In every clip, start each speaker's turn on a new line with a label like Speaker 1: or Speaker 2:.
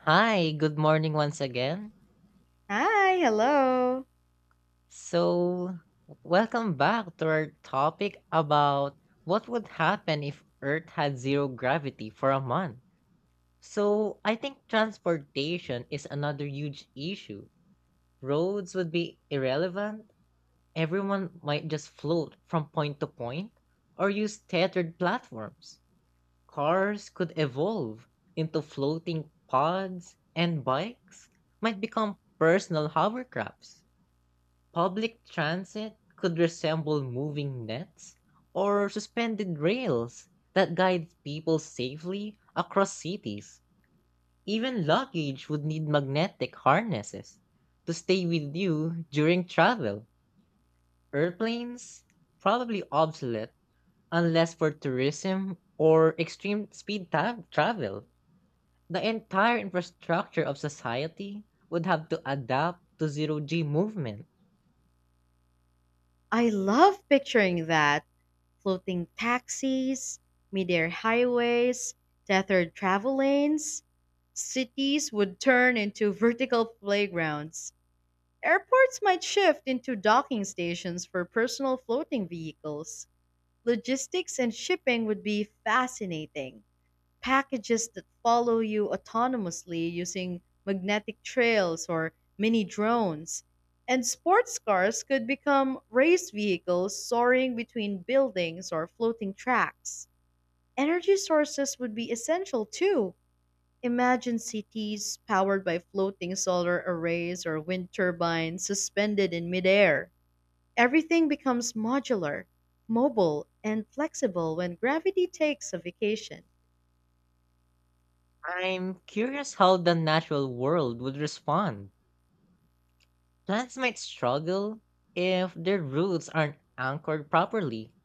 Speaker 1: Hi, good morning once again.
Speaker 2: Hi, hello.
Speaker 1: So, welcome back to our topic about what would happen if Earth had zero gravity for a month. So, I think transportation is another huge issue. Roads would be irrelevant, everyone might just float from point to point or use tethered platforms. Cars could evolve into floating pods, and bikes might become personal hovercrafts. Public transit could resemble moving nets or suspended rails that guide people safely across cities. Even luggage would need magnetic harnesses to stay with you during travel. Airplanes, probably obsolete unless for tourism or extreme speed travel. The entire infrastructure of society would have to adapt to zero G movement.
Speaker 2: I love picturing that. Floating taxis, midair highways, tethered travel lanes. Cities would turn into vertical playgrounds. Airports might shift into docking stations for personal floating vehicles. Logistics and shipping would be fascinating. Packages that follow you autonomously using magnetic trails or mini drones. And sports cars could become race vehicles soaring between buildings or floating tracks. Energy sources would be essential too. Imagine cities powered by floating solar arrays or wind turbines suspended in midair. Everything becomes modular, mobile, and flexible when gravity takes a vacation.
Speaker 1: I'm curious how the natural world would respond. Plants might struggle if their roots aren't anchored properly,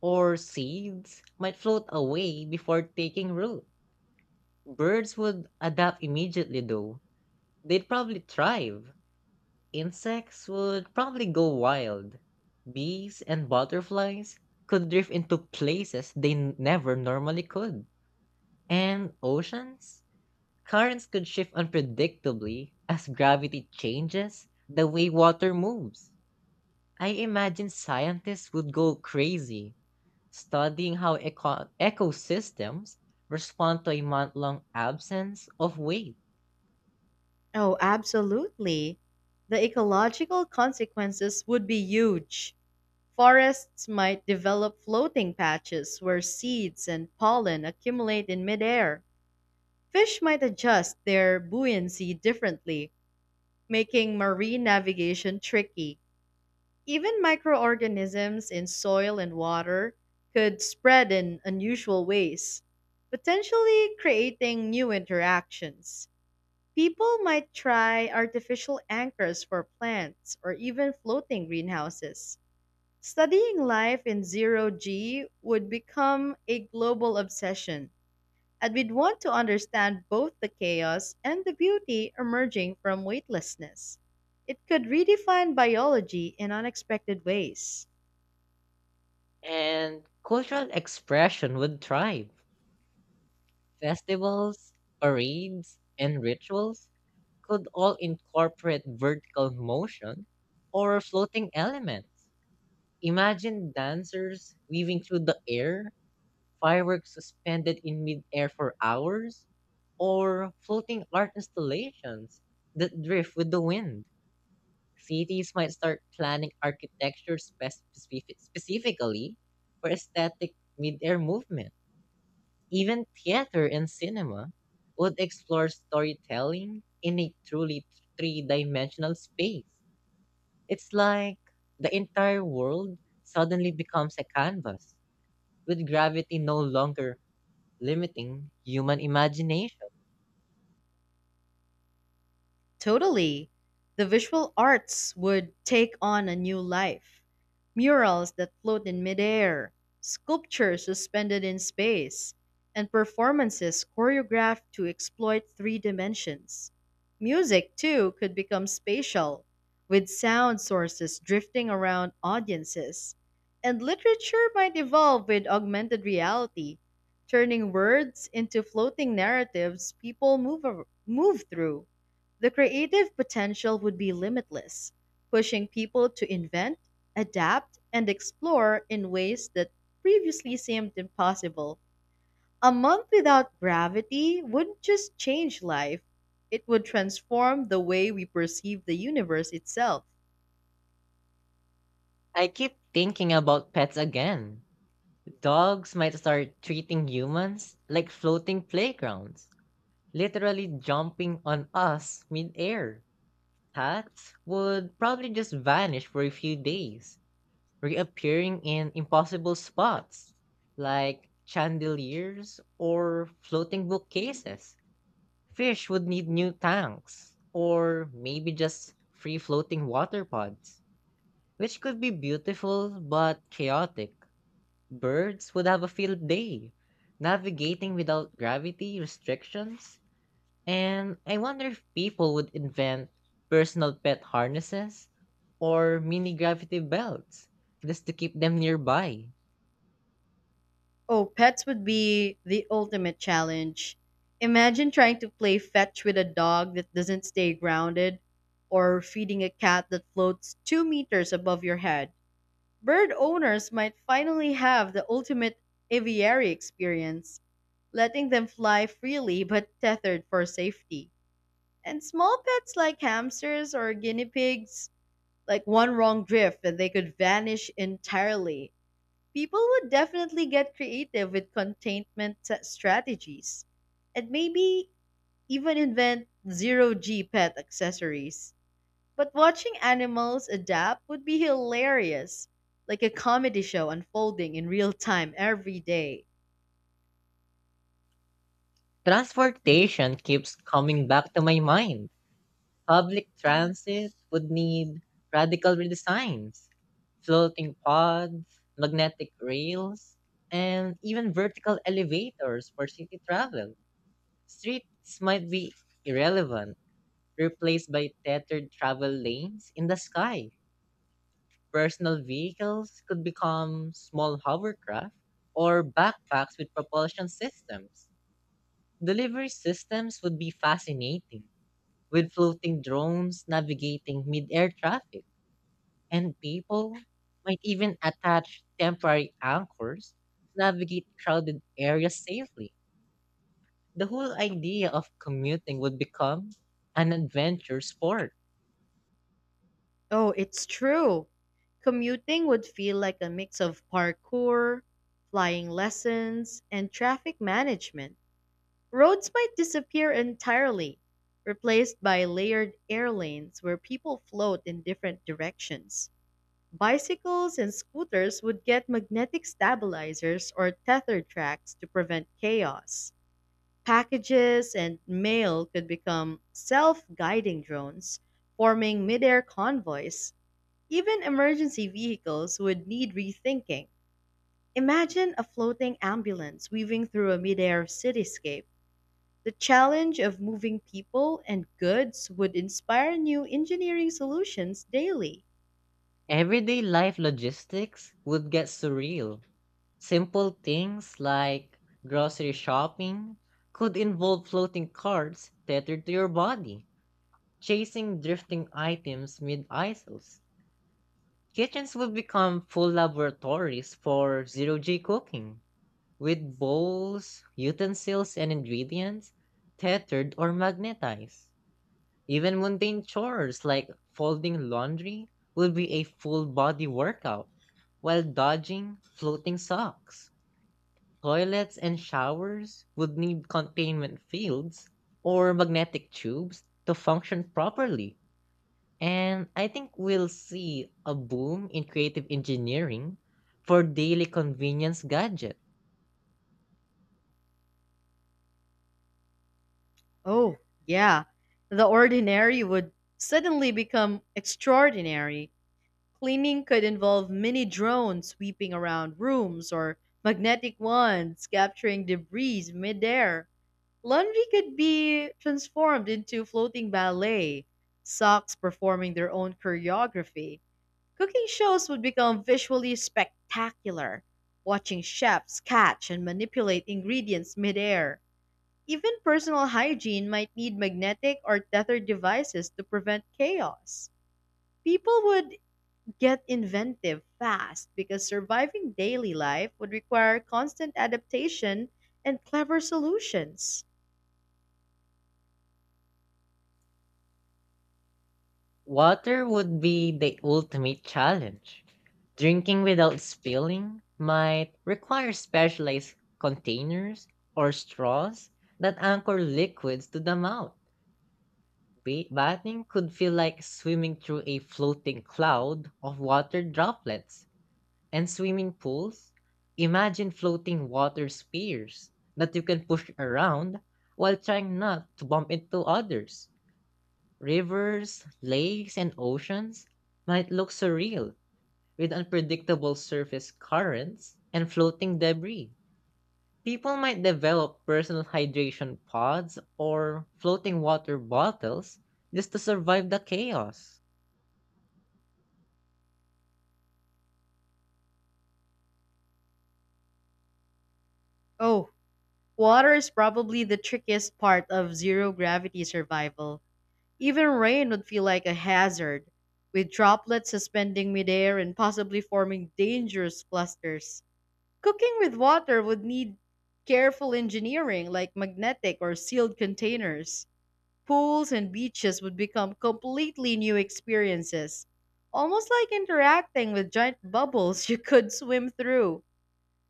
Speaker 1: or seeds might float away before taking root. Birds would adapt immediately, though. They'd probably thrive. Insects would probably go wild. Bees and butterflies could drift into places they never normally could. And oceans? Currents could shift unpredictably as gravity changes the way water moves. I imagine scientists would go crazy studying how ecosystems respond to a month long absence of waves.
Speaker 2: Oh, absolutely. The ecological consequences would be huge. Forests might develop floating patches where seeds and pollen accumulate in midair. Fish might adjust their buoyancy differently, making marine navigation tricky. Even microorganisms in soil and water could spread in unusual ways, potentially creating new interactions. People might try artificial anchors for plants or even floating greenhouses. Studying life in zero G would become a global obsession, and we'd want to understand both the chaos and the beauty emerging from weightlessness. It could redefine biology in unexpected ways.
Speaker 1: And cultural expression would thrive. Festivals, parades, and rituals could all incorporate vertical motion or floating elements. Imagine dancers weaving through the air, fireworks suspended in midair for hours, or floating art installations that drift with the wind. Cities might start planning architecture specifically for aesthetic midair movement. Even theater and cinema would explore storytelling in a truly three dimensional space. It's like the entire world suddenly becomes a canvas, with gravity no longer limiting human imagination.
Speaker 2: Totally. The visual arts would take on a new life. Murals that float in midair, sculptures suspended in space, and performances choreographed to exploit three dimensions. Music, too, could become spatial, with sound sources drifting around audiences. And literature might evolve with augmented reality, turning words into floating narratives people move through. The creative potential would be limitless, pushing people to invent, adapt, and explore in ways that previously seemed impossible. A month without gravity wouldn't just change life, it would transform the way we perceive the universe itself.
Speaker 1: I keep thinking about pets again. Dogs might start treating humans like floating playgrounds, literally jumping on us midair. Cats would probably just vanish for a few days reappearing in impossible spots like chandeliers or floating bookcases. Fish would need new tanks or maybe just free floating water pods, which could be beautiful but chaotic. Birds would have a field day navigating without gravity restrictions. And I wonder if people would invent personal pet harnesses or mini gravity belts just to keep them nearby.
Speaker 2: Oh, pets would be the ultimate challenge. Imagine trying to play fetch with a dog that doesn't stay grounded, or feeding a cat that floats 2 m above your head. Bird owners might finally have the ultimate aviary experience, letting them fly freely but tethered for safety. And small pets like hamsters or guinea pigs, like one wrong drift and they could vanish entirely. People would definitely get creative with strategies and maybe even invent zero G pet accessories. But watching animals adapt would be hilarious, like a comedy show unfolding in real time every day.
Speaker 1: Transportation keeps coming back to my mind. Public transit would need radical redesigns, floating pods, magnetic rails, and even vertical elevators for city travel. Streets might be irrelevant, replaced by tethered travel lanes in the sky. Personal vehicles could become small hovercraft or backpacks with propulsion systems. Delivery systems would be fascinating with floating drones navigating mid-air traffic, and people might even attach temporary anchors to navigate crowded areas safely. The whole idea of commuting would become an adventure sport.
Speaker 2: Oh, it's true. Commuting would feel like a mix of parkour, flying lessons, and traffic management. Roads might disappear entirely, replaced by layered air lanes where people float in different directions. Bicycles and scooters would get magnetic stabilizers or tether tracks to prevent chaos. Packages and mail could become self guiding drones, forming mid-air convoys. Even emergency vehicles would need rethinking. Imagine a floating ambulance weaving through a mid-air cityscape. The challenge of moving people and goods would inspire new engineering solutions daily.
Speaker 1: Everyday life logistics would get surreal. Simple things like grocery shopping could involve floating carts tethered to your body, chasing drifting items mid-aisles. Kitchens will become full laboratories for zero G cooking, with bowls, utensils, and ingredients tethered or magnetized. Even mundane chores like folding laundry will be a full body workout, while dodging floating socks. Toilets and showers would need containment fields or magnetic tubes to function properly. And I think we'll see a boom in creative engineering for daily convenience gadget.
Speaker 2: Oh, yeah. The ordinary would suddenly become extraordinary. Cleaning could involve mini drones sweeping around rooms or magnetic wands capturing debris midair. Laundry could be transformed into floating ballet, socks performing their own choreography. Cooking shows would become visually spectacular, watching chefs catch and manipulate ingredients midair. Even personal hygiene might need magnetic or tethered devices to prevent chaos. People would get inventive fast, because surviving daily life would require constant adaptation and clever solutions.
Speaker 1: Water would be the ultimate challenge. Drinking without spilling might require specialized containers or straws that anchor liquids to the mouth. Bathing could feel like swimming through a floating cloud of water droplets. And swimming pools? Imagine floating water spheres that you can push around while trying not to bump into others. Rivers, lakes, and oceans might look surreal with unpredictable surface currents and floating debris. People might develop personal hydration pods or floating water bottles just to survive the chaos.
Speaker 2: Oh, water is probably the trickiest part of zero gravity survival. Even rain would feel like a hazard, with droplets suspending midair and possibly forming dangerous clusters. Cooking with water would need careful engineering like magnetic or sealed containers. Pools and beaches would become completely new experiences. Almost like interacting with giant bubbles you could swim through.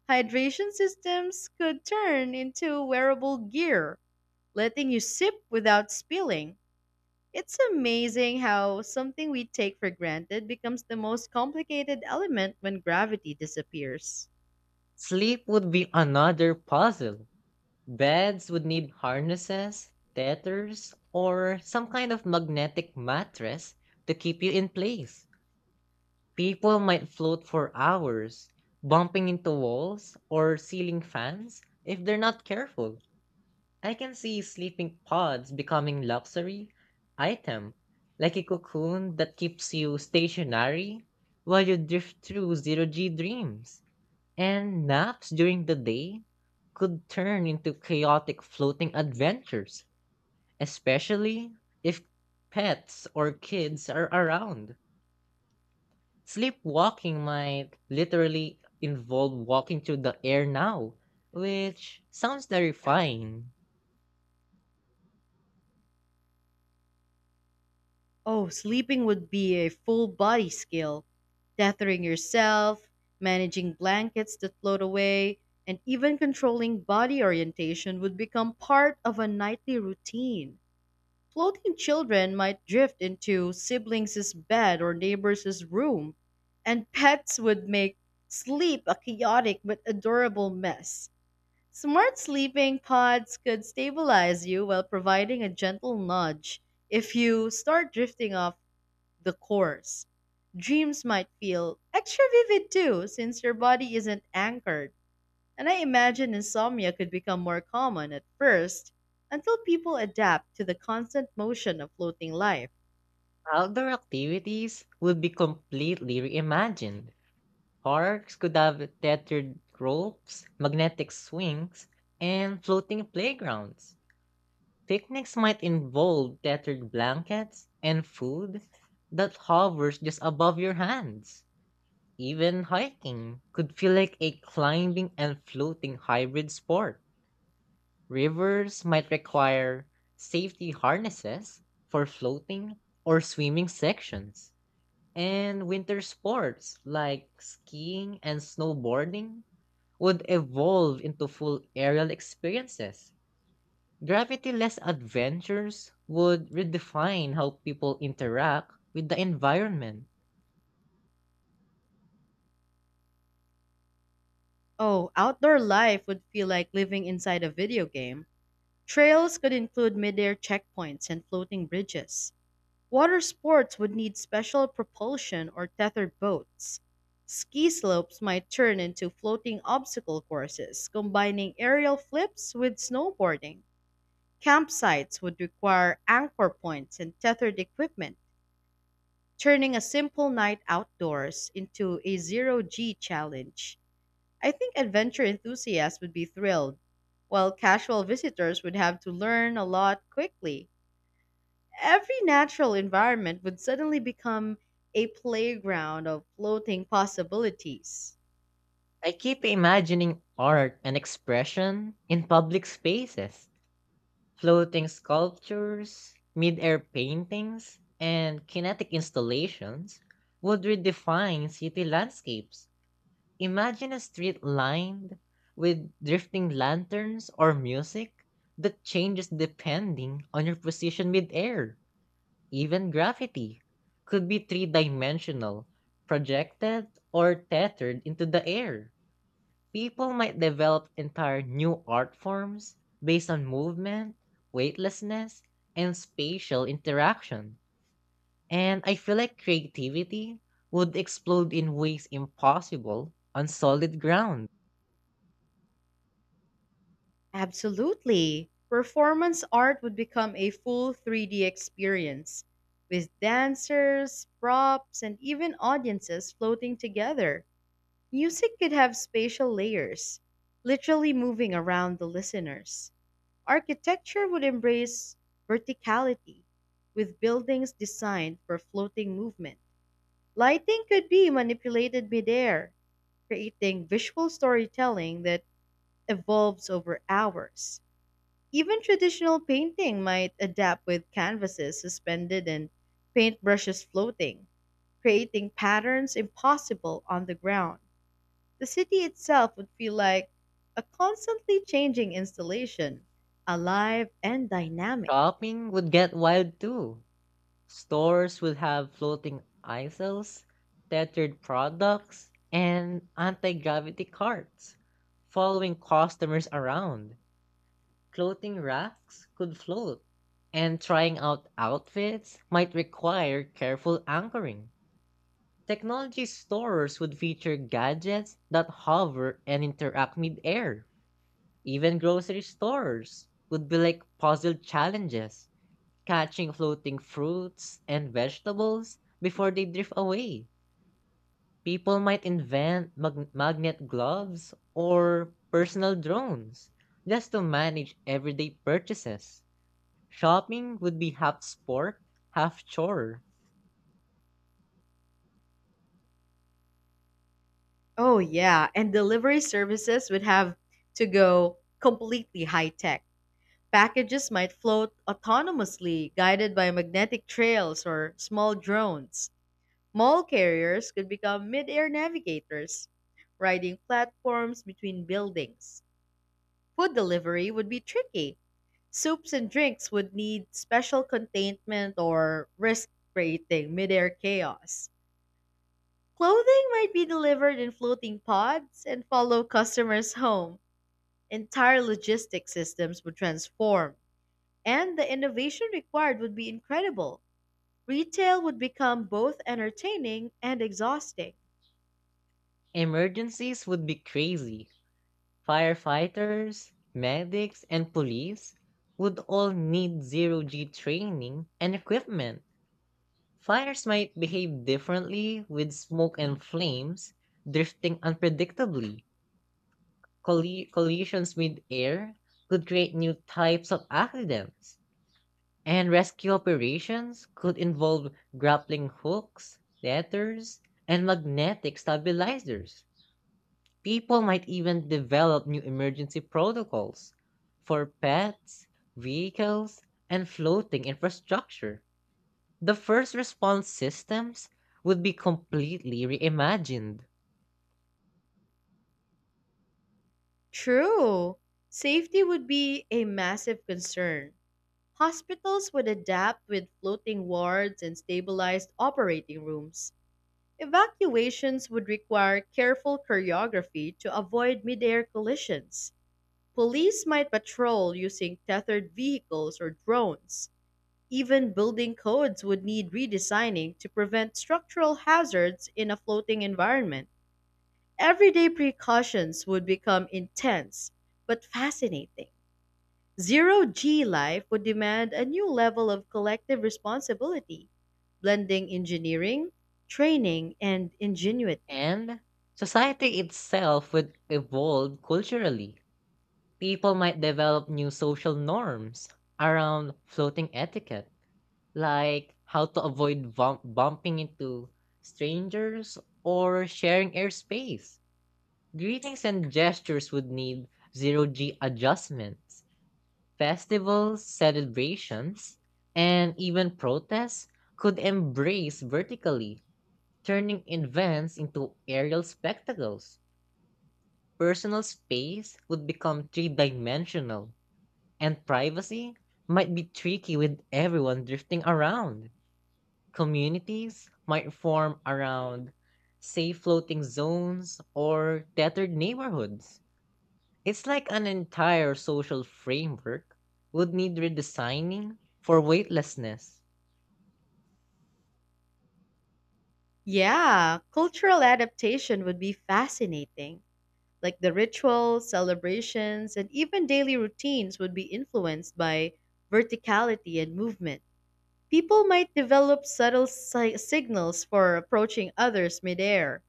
Speaker 2: Hydration systems could turn into wearable gear, letting you sip without spilling. It's amazing how something we take for granted becomes the most complicated element when gravity disappears.
Speaker 1: Sleep would be another puzzle. Beds would need harnesses, tethers, or some kind of magnetic mattress to keep you in place. People might float for hours, bumping into walls or ceiling fans if they're not careful. I can see sleeping pods becoming luxury item, like a cocoon that keeps you stationary while you drift through zero G dreams. And naps during the day could turn into chaotic floating adventures, especially if pets or kids are around. Sleepwalking might literally involve walking through the air now, which sounds terrifying.
Speaker 2: Oh, sleeping would be a full body skill. Tethering yourself, managing blankets that float away, and even controlling body orientation would become part of a nightly routine. Floating children might drift into siblings' bed or neighbors' room, and pets would make sleep a chaotic but adorable mess. Smart sleeping pods could stabilize you while providing a gentle nudge if you start drifting off the course. Dreams might feel extra vivid too, since your body isn't anchored. And I imagine insomnia could become more common at first until people adapt to the constant motion of floating life.
Speaker 1: Outdoor activities would be completely reimagined. Parks could have tethered ropes, magnetic swings, and floating playgrounds. Picnics might involve tethered blankets and food that hovers just above your hands. Even hiking could feel like a climbing and floating hybrid sport. Rivers might require safety harnesses for floating or swimming sections. And winter sports like skiing and snowboarding would evolve into full aerial experiences. Gravity-less adventures would redefine how people interact with the environment.
Speaker 2: Oh, outdoor life would feel like living inside a video game. Trails could include midair checkpoints and floating bridges. Water sports would need special propulsion or tethered boats. Ski slopes might turn into floating obstacle courses, combining aerial flips with snowboarding. Campsites would require anchor points and tethered equipment, turning a simple night outdoors into a zero G challenge. I think adventure enthusiasts would be thrilled, while casual visitors would have to learn a lot quickly. Every natural environment would suddenly become a playground of floating possibilities.
Speaker 1: I keep imagining art and expression in public spaces, floating sculptures, mid-air paintings, and kinetic installations would redefine city landscapes. Imagine a street lined with drifting lanterns or music that changes depending on your position mid-air. Even gravity could be three dimensional, projected, or tethered into the air. People might develop entire new art forms based on movement, weightlessness, and spatial interaction. And I feel like creativity would explode in ways impossible on solid ground.
Speaker 2: Absolutely. Performance art would become a full 3D experience with dancers, props, and even audiences floating together. Music could have spatial layers, literally moving around the listeners. Architecture would embrace verticality with buildings designed for floating movement. Lighting could be manipulated midair, creating visual storytelling that evolves over hours. Even traditional painting might adapt with canvases suspended and paintbrushes floating, creating patterns impossible on the ground. The city itself would feel like a constantly changing installation, alive and dynamic.
Speaker 1: Shopping would get wild too. Stores will have floating aisles, tethered products, and anti-gravity carts, following customers around. Clothing racks could float, and trying out outfits might require careful anchoring. Technology stores would feature gadgets that hover and interact mid-air. Even grocery stores would be like puzzle challenges. Catching floating fruits and vegetables before they drift away. People might invent magnet gloves or personal drones just to manage everyday purchases. Shopping would be half sport, half chore.
Speaker 2: Oh, yeah, and delivery services would have to go completely high tech. Packages might float autonomously, guided by magnetic trails or small drones. Mall carriers could become mid air navigators, riding platforms between buildings. Food delivery would be tricky. Soups and drinks would need special containment or risk creating mid air chaos. Clothing might be delivered in floating pods and follow customers home. Entire logistics systems would transform. And the innovation required would be incredible. Retail would become both entertaining and exhausting.
Speaker 1: Emergencies would be crazy. Firefighters, medics, and police would all need zero G training and equipment. Fires might behave differently with smoke and flames drifting unpredictably. Collisions mid-air could create new types of accidents, and rescue operations could involve grappling hooks, ladders, and magnetic stabilizers. People might even develop new emergency protocols for pets, vehicles, and floating infrastructure. The first response systems would be completely reimagined,
Speaker 2: True. Safety would be a massive concern. Hospitals would adapt with floating wards and stabilized operating rooms. Evacuations would require careful choreography to avoid midair collisions. Police might patrol using tethered vehicles or drones. Even building codes would need redesigning to prevent structural hazards in a floating environment. Everyday precautions would become intense but fascinating. Zero G life would demand a new level of collective responsibility, blending engineering, training, and ingenuity.
Speaker 1: and society itself would evolve culturally. People might develop new social norms around floating etiquette, like how to avoid bumping into strangers or sharing airspace. Greetings and gestures would need zero G adjustments. Festivals, celebrations, and even protests could embrace vertically, turning events into aerial spectacles. Personal space would become three dimensional, and privacy might be tricky with everyone drifting around. Communities might form around, say, floating zones or tethered neighborhoods. It's like an entire social framework would need redesigning for weightlessness.
Speaker 2: Yeah, cultural adaptation would be fascinating. Like the rituals, celebrations, and even daily routines would be influenced by verticality and movement. People might develop signals for approaching others midair,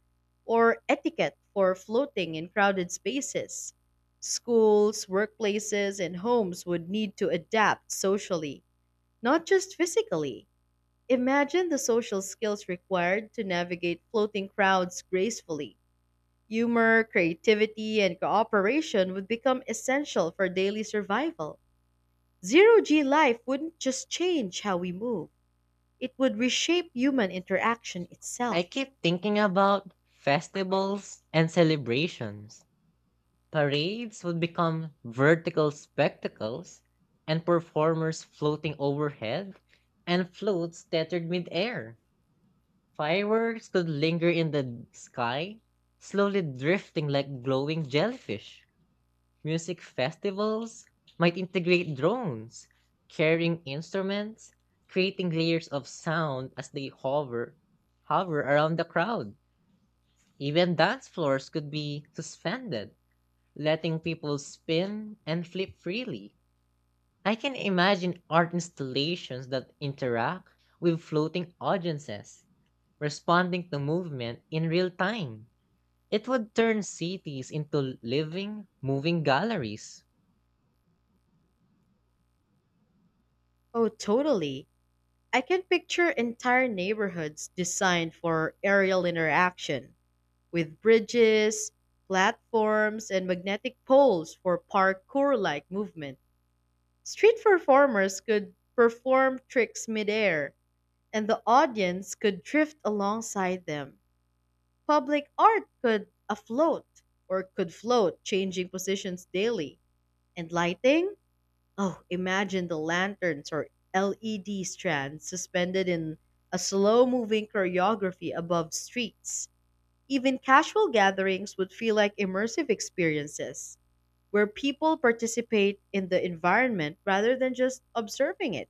Speaker 2: or etiquette for floating in crowded spaces. Schools, workplaces, and homes would need to adapt socially, not just physically. Imagine the social skills required to navigate floating crowds gracefully. Humor, creativity, and cooperation would become essential for daily survival. Zero G life wouldn't just change how we move, it would reshape human interaction
Speaker 1: I
Speaker 2: itself.
Speaker 1: keep thinking about festivals and celebrations. Parades would become vertical spectacles and performers floating overhead and floats tethered midair. Fireworks could linger in the sky, slowly drifting like glowing jellyfish. Music festivals might integrate drones, carrying instruments, creating layers of sound as they hover around the crowd. Even dance floors could be suspended, letting people spin and flip freely. I can imagine art installations that interact with floating audiences, responding to movement in real time. It would turn cities into living, moving galleries.
Speaker 2: Oh, totally. I can picture entire neighborhoods designed for aerial interaction, with bridges, platforms, and magnetic poles for parkour like movement. Street performers could perform tricks midair and the audience could drift alongside them. Public art could afloat or could float, changing positions daily. And lighting? Oh, imagine the lanterns or LED strands suspended in a slow moving choreography above streets. Even casual gatherings would feel like immersive experiences where people participate in the environment rather than just observing it.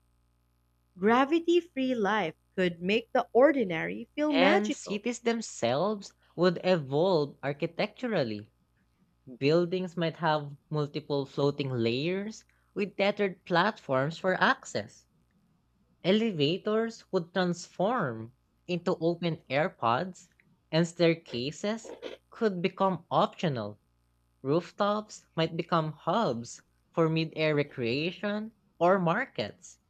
Speaker 2: Gravity free life could make the ordinary feel
Speaker 1: And
Speaker 2: magical.
Speaker 1: cities themselves would evolve architecturally. Buildings might have multiple floating layers with tethered platforms for access. Elevators would transform into open air pods, and staircases could become optional. Rooftops might become hubs for mid air recreation or markets.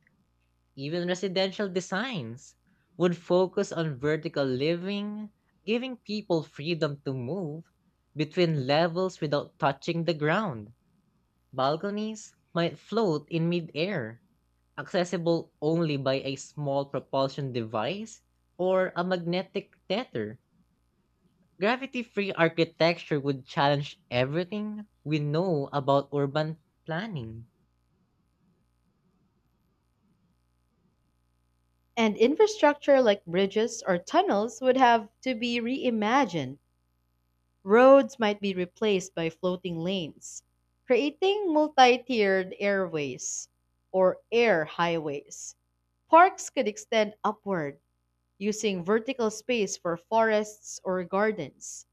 Speaker 1: Even residential designs would focus on vertical living, giving people freedom to move between levels without touching the ground. Balconies might float in midair, accessible only by a small propulsion device or a magnetic tether. Gravity free architecture would challenge everything we know about urban planning.
Speaker 2: And infrastructure like bridges or tunnels would have to be reimagined. Roads might be replaced by floating lanes, creating multi tiered airways or air highways. Parks could extend upward, using vertical space for forests or gardens.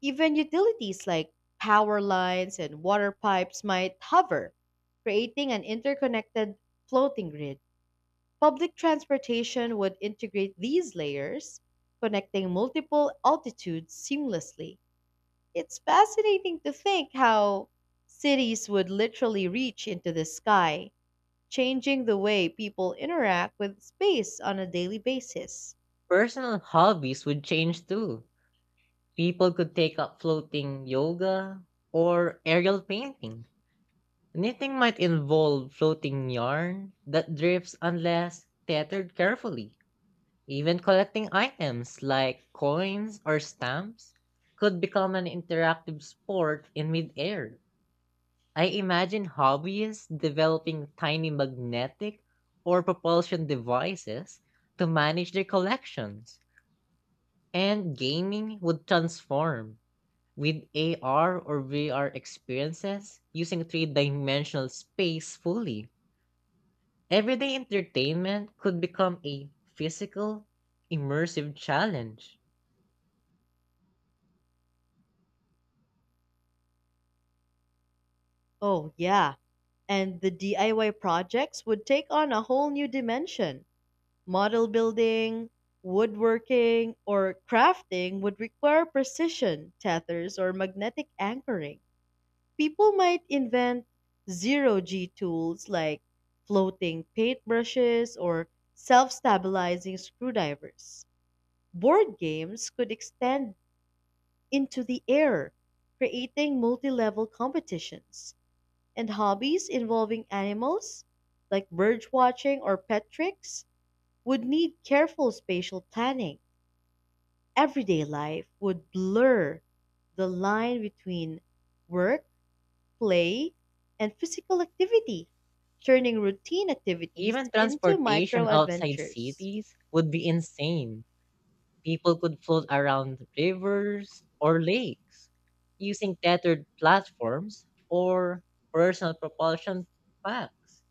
Speaker 2: Even utilities like power lines and water pipes might hover, creating an interconnected floating grid. Public transportation would integrate these layers, connecting multiple altitudes seamlessly. It's fascinating to think how cities would literally reach into the sky, changing the way people interact with space on a daily basis.
Speaker 1: Personal hobbies would change too. People could take up floating yoga or aerial painting. Knitting might involve floating yarn that drifts unless tethered carefully. Even collecting items like coins or stamps could become an interactive sport in midair. I imagine hobbyists developing tiny magnetic or propulsion devices to manage their collections, and gaming would transform. With AR or VR experiences using three dimensional space fully, everyday entertainment could become a physical, immersive challenge.
Speaker 2: Oh, yeah. And the DIY projects would take on a whole new dimension. Model building, woodworking, or crafting would require precision, tethers, or magnetic anchoring. People might invent zero G tools like floating paintbrushes or self stabilizing screwdrivers. Board games could extend into the air, creating multi level competitions. And hobbies involving animals, like bird watching or pet tricks, would need careful spatial planning. Everyday life would blur the line between work, play, and physical activity, turning routine activities
Speaker 1: Even
Speaker 2: into
Speaker 1: transportation
Speaker 2: micro
Speaker 1: outside
Speaker 2: adventures.
Speaker 1: cities would be insane. People could float around rivers or lakes using tethered platforms or personal propulsion packs.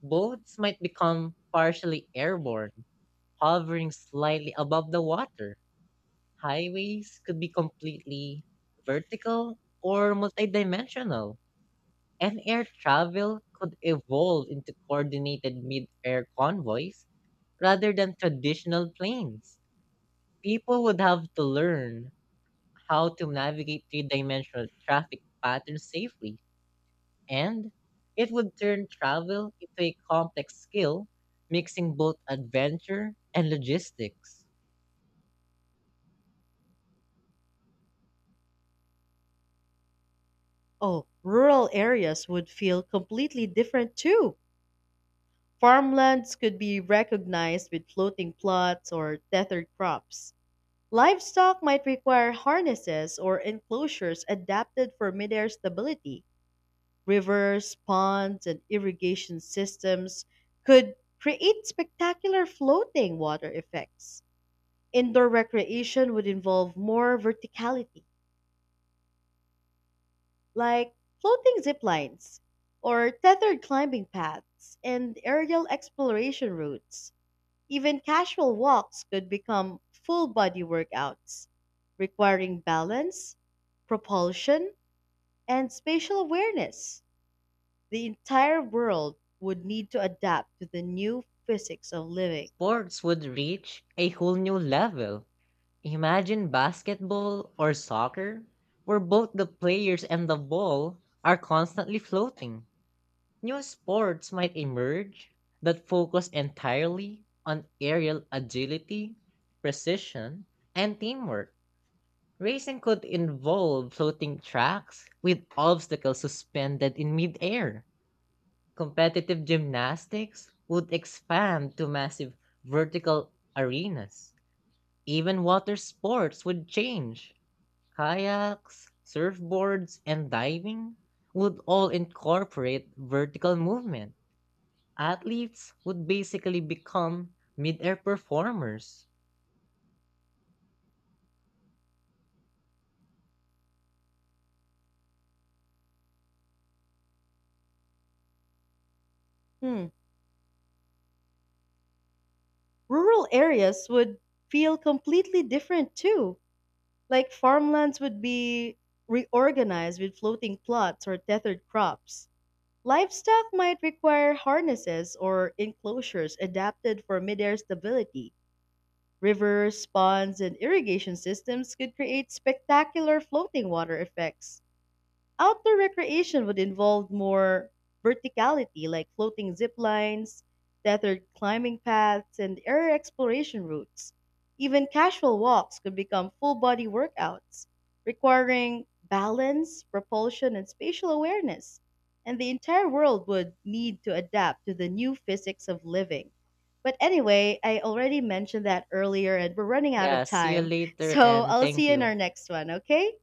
Speaker 1: Boats might become partially airborne hovering slightly above the water. Highways could be completely vertical or multidimensional, and air travel could evolve into coordinated mid air convoys rather than traditional planes. People would have to learn how to navigate three dimensional traffic patterns safely, and it would turn travel into a complex skill, mixing both adventure and logistics.
Speaker 2: Oh, rural areas would feel completely different too. Farmlands could be recognized with floating plots or tethered crops. Livestock might require harnesses or enclosures adapted for midair stability. Rivers, ponds, and irrigation systems could create spectacular floating water effects. Indoor recreation would involve more verticality, like floating zip lines or tethered climbing paths and aerial exploration routes. Even casual walks could become full body workouts, requiring balance, propulsion, and spatial awareness. The entire world would need to adapt to the new physics of living.
Speaker 1: Sports would reach a whole new level. Imagine basketball or soccer, where both the players and the ball are constantly floating. New sports might emerge that focus entirely on aerial agility, precision, and teamwork. Racing could involve floating tracks with obstacles suspended in midair. Competitive gymnastics would expand to massive vertical arenas. Even water sports would change. Kayaks, surfboards, and diving would all incorporate vertical movement. Athletes would basically become mid air performers.
Speaker 2: Hmm. Rural areas would feel completely different too. Like farmlands would be reorganized with floating plots or tethered crops. Livestock might require harnesses or enclosures adapted for midair stability. Rivers, ponds, and irrigation systems could create spectacular floating water effects. Outdoor recreation would involve more verticality, like floating zip lines, tethered climbing paths, and air exploration routes. Even casual walks could become full body workouts, requiring balance, propulsion, and spatial awareness. And the entire world would need to adapt to the new physics of living. But anyway, I already mentioned that earlier and we're running out of
Speaker 1: Yeah, see you
Speaker 2: time.
Speaker 1: later
Speaker 2: So
Speaker 1: and
Speaker 2: I'll
Speaker 1: thank
Speaker 2: see you in
Speaker 1: you.
Speaker 2: our next one, okay?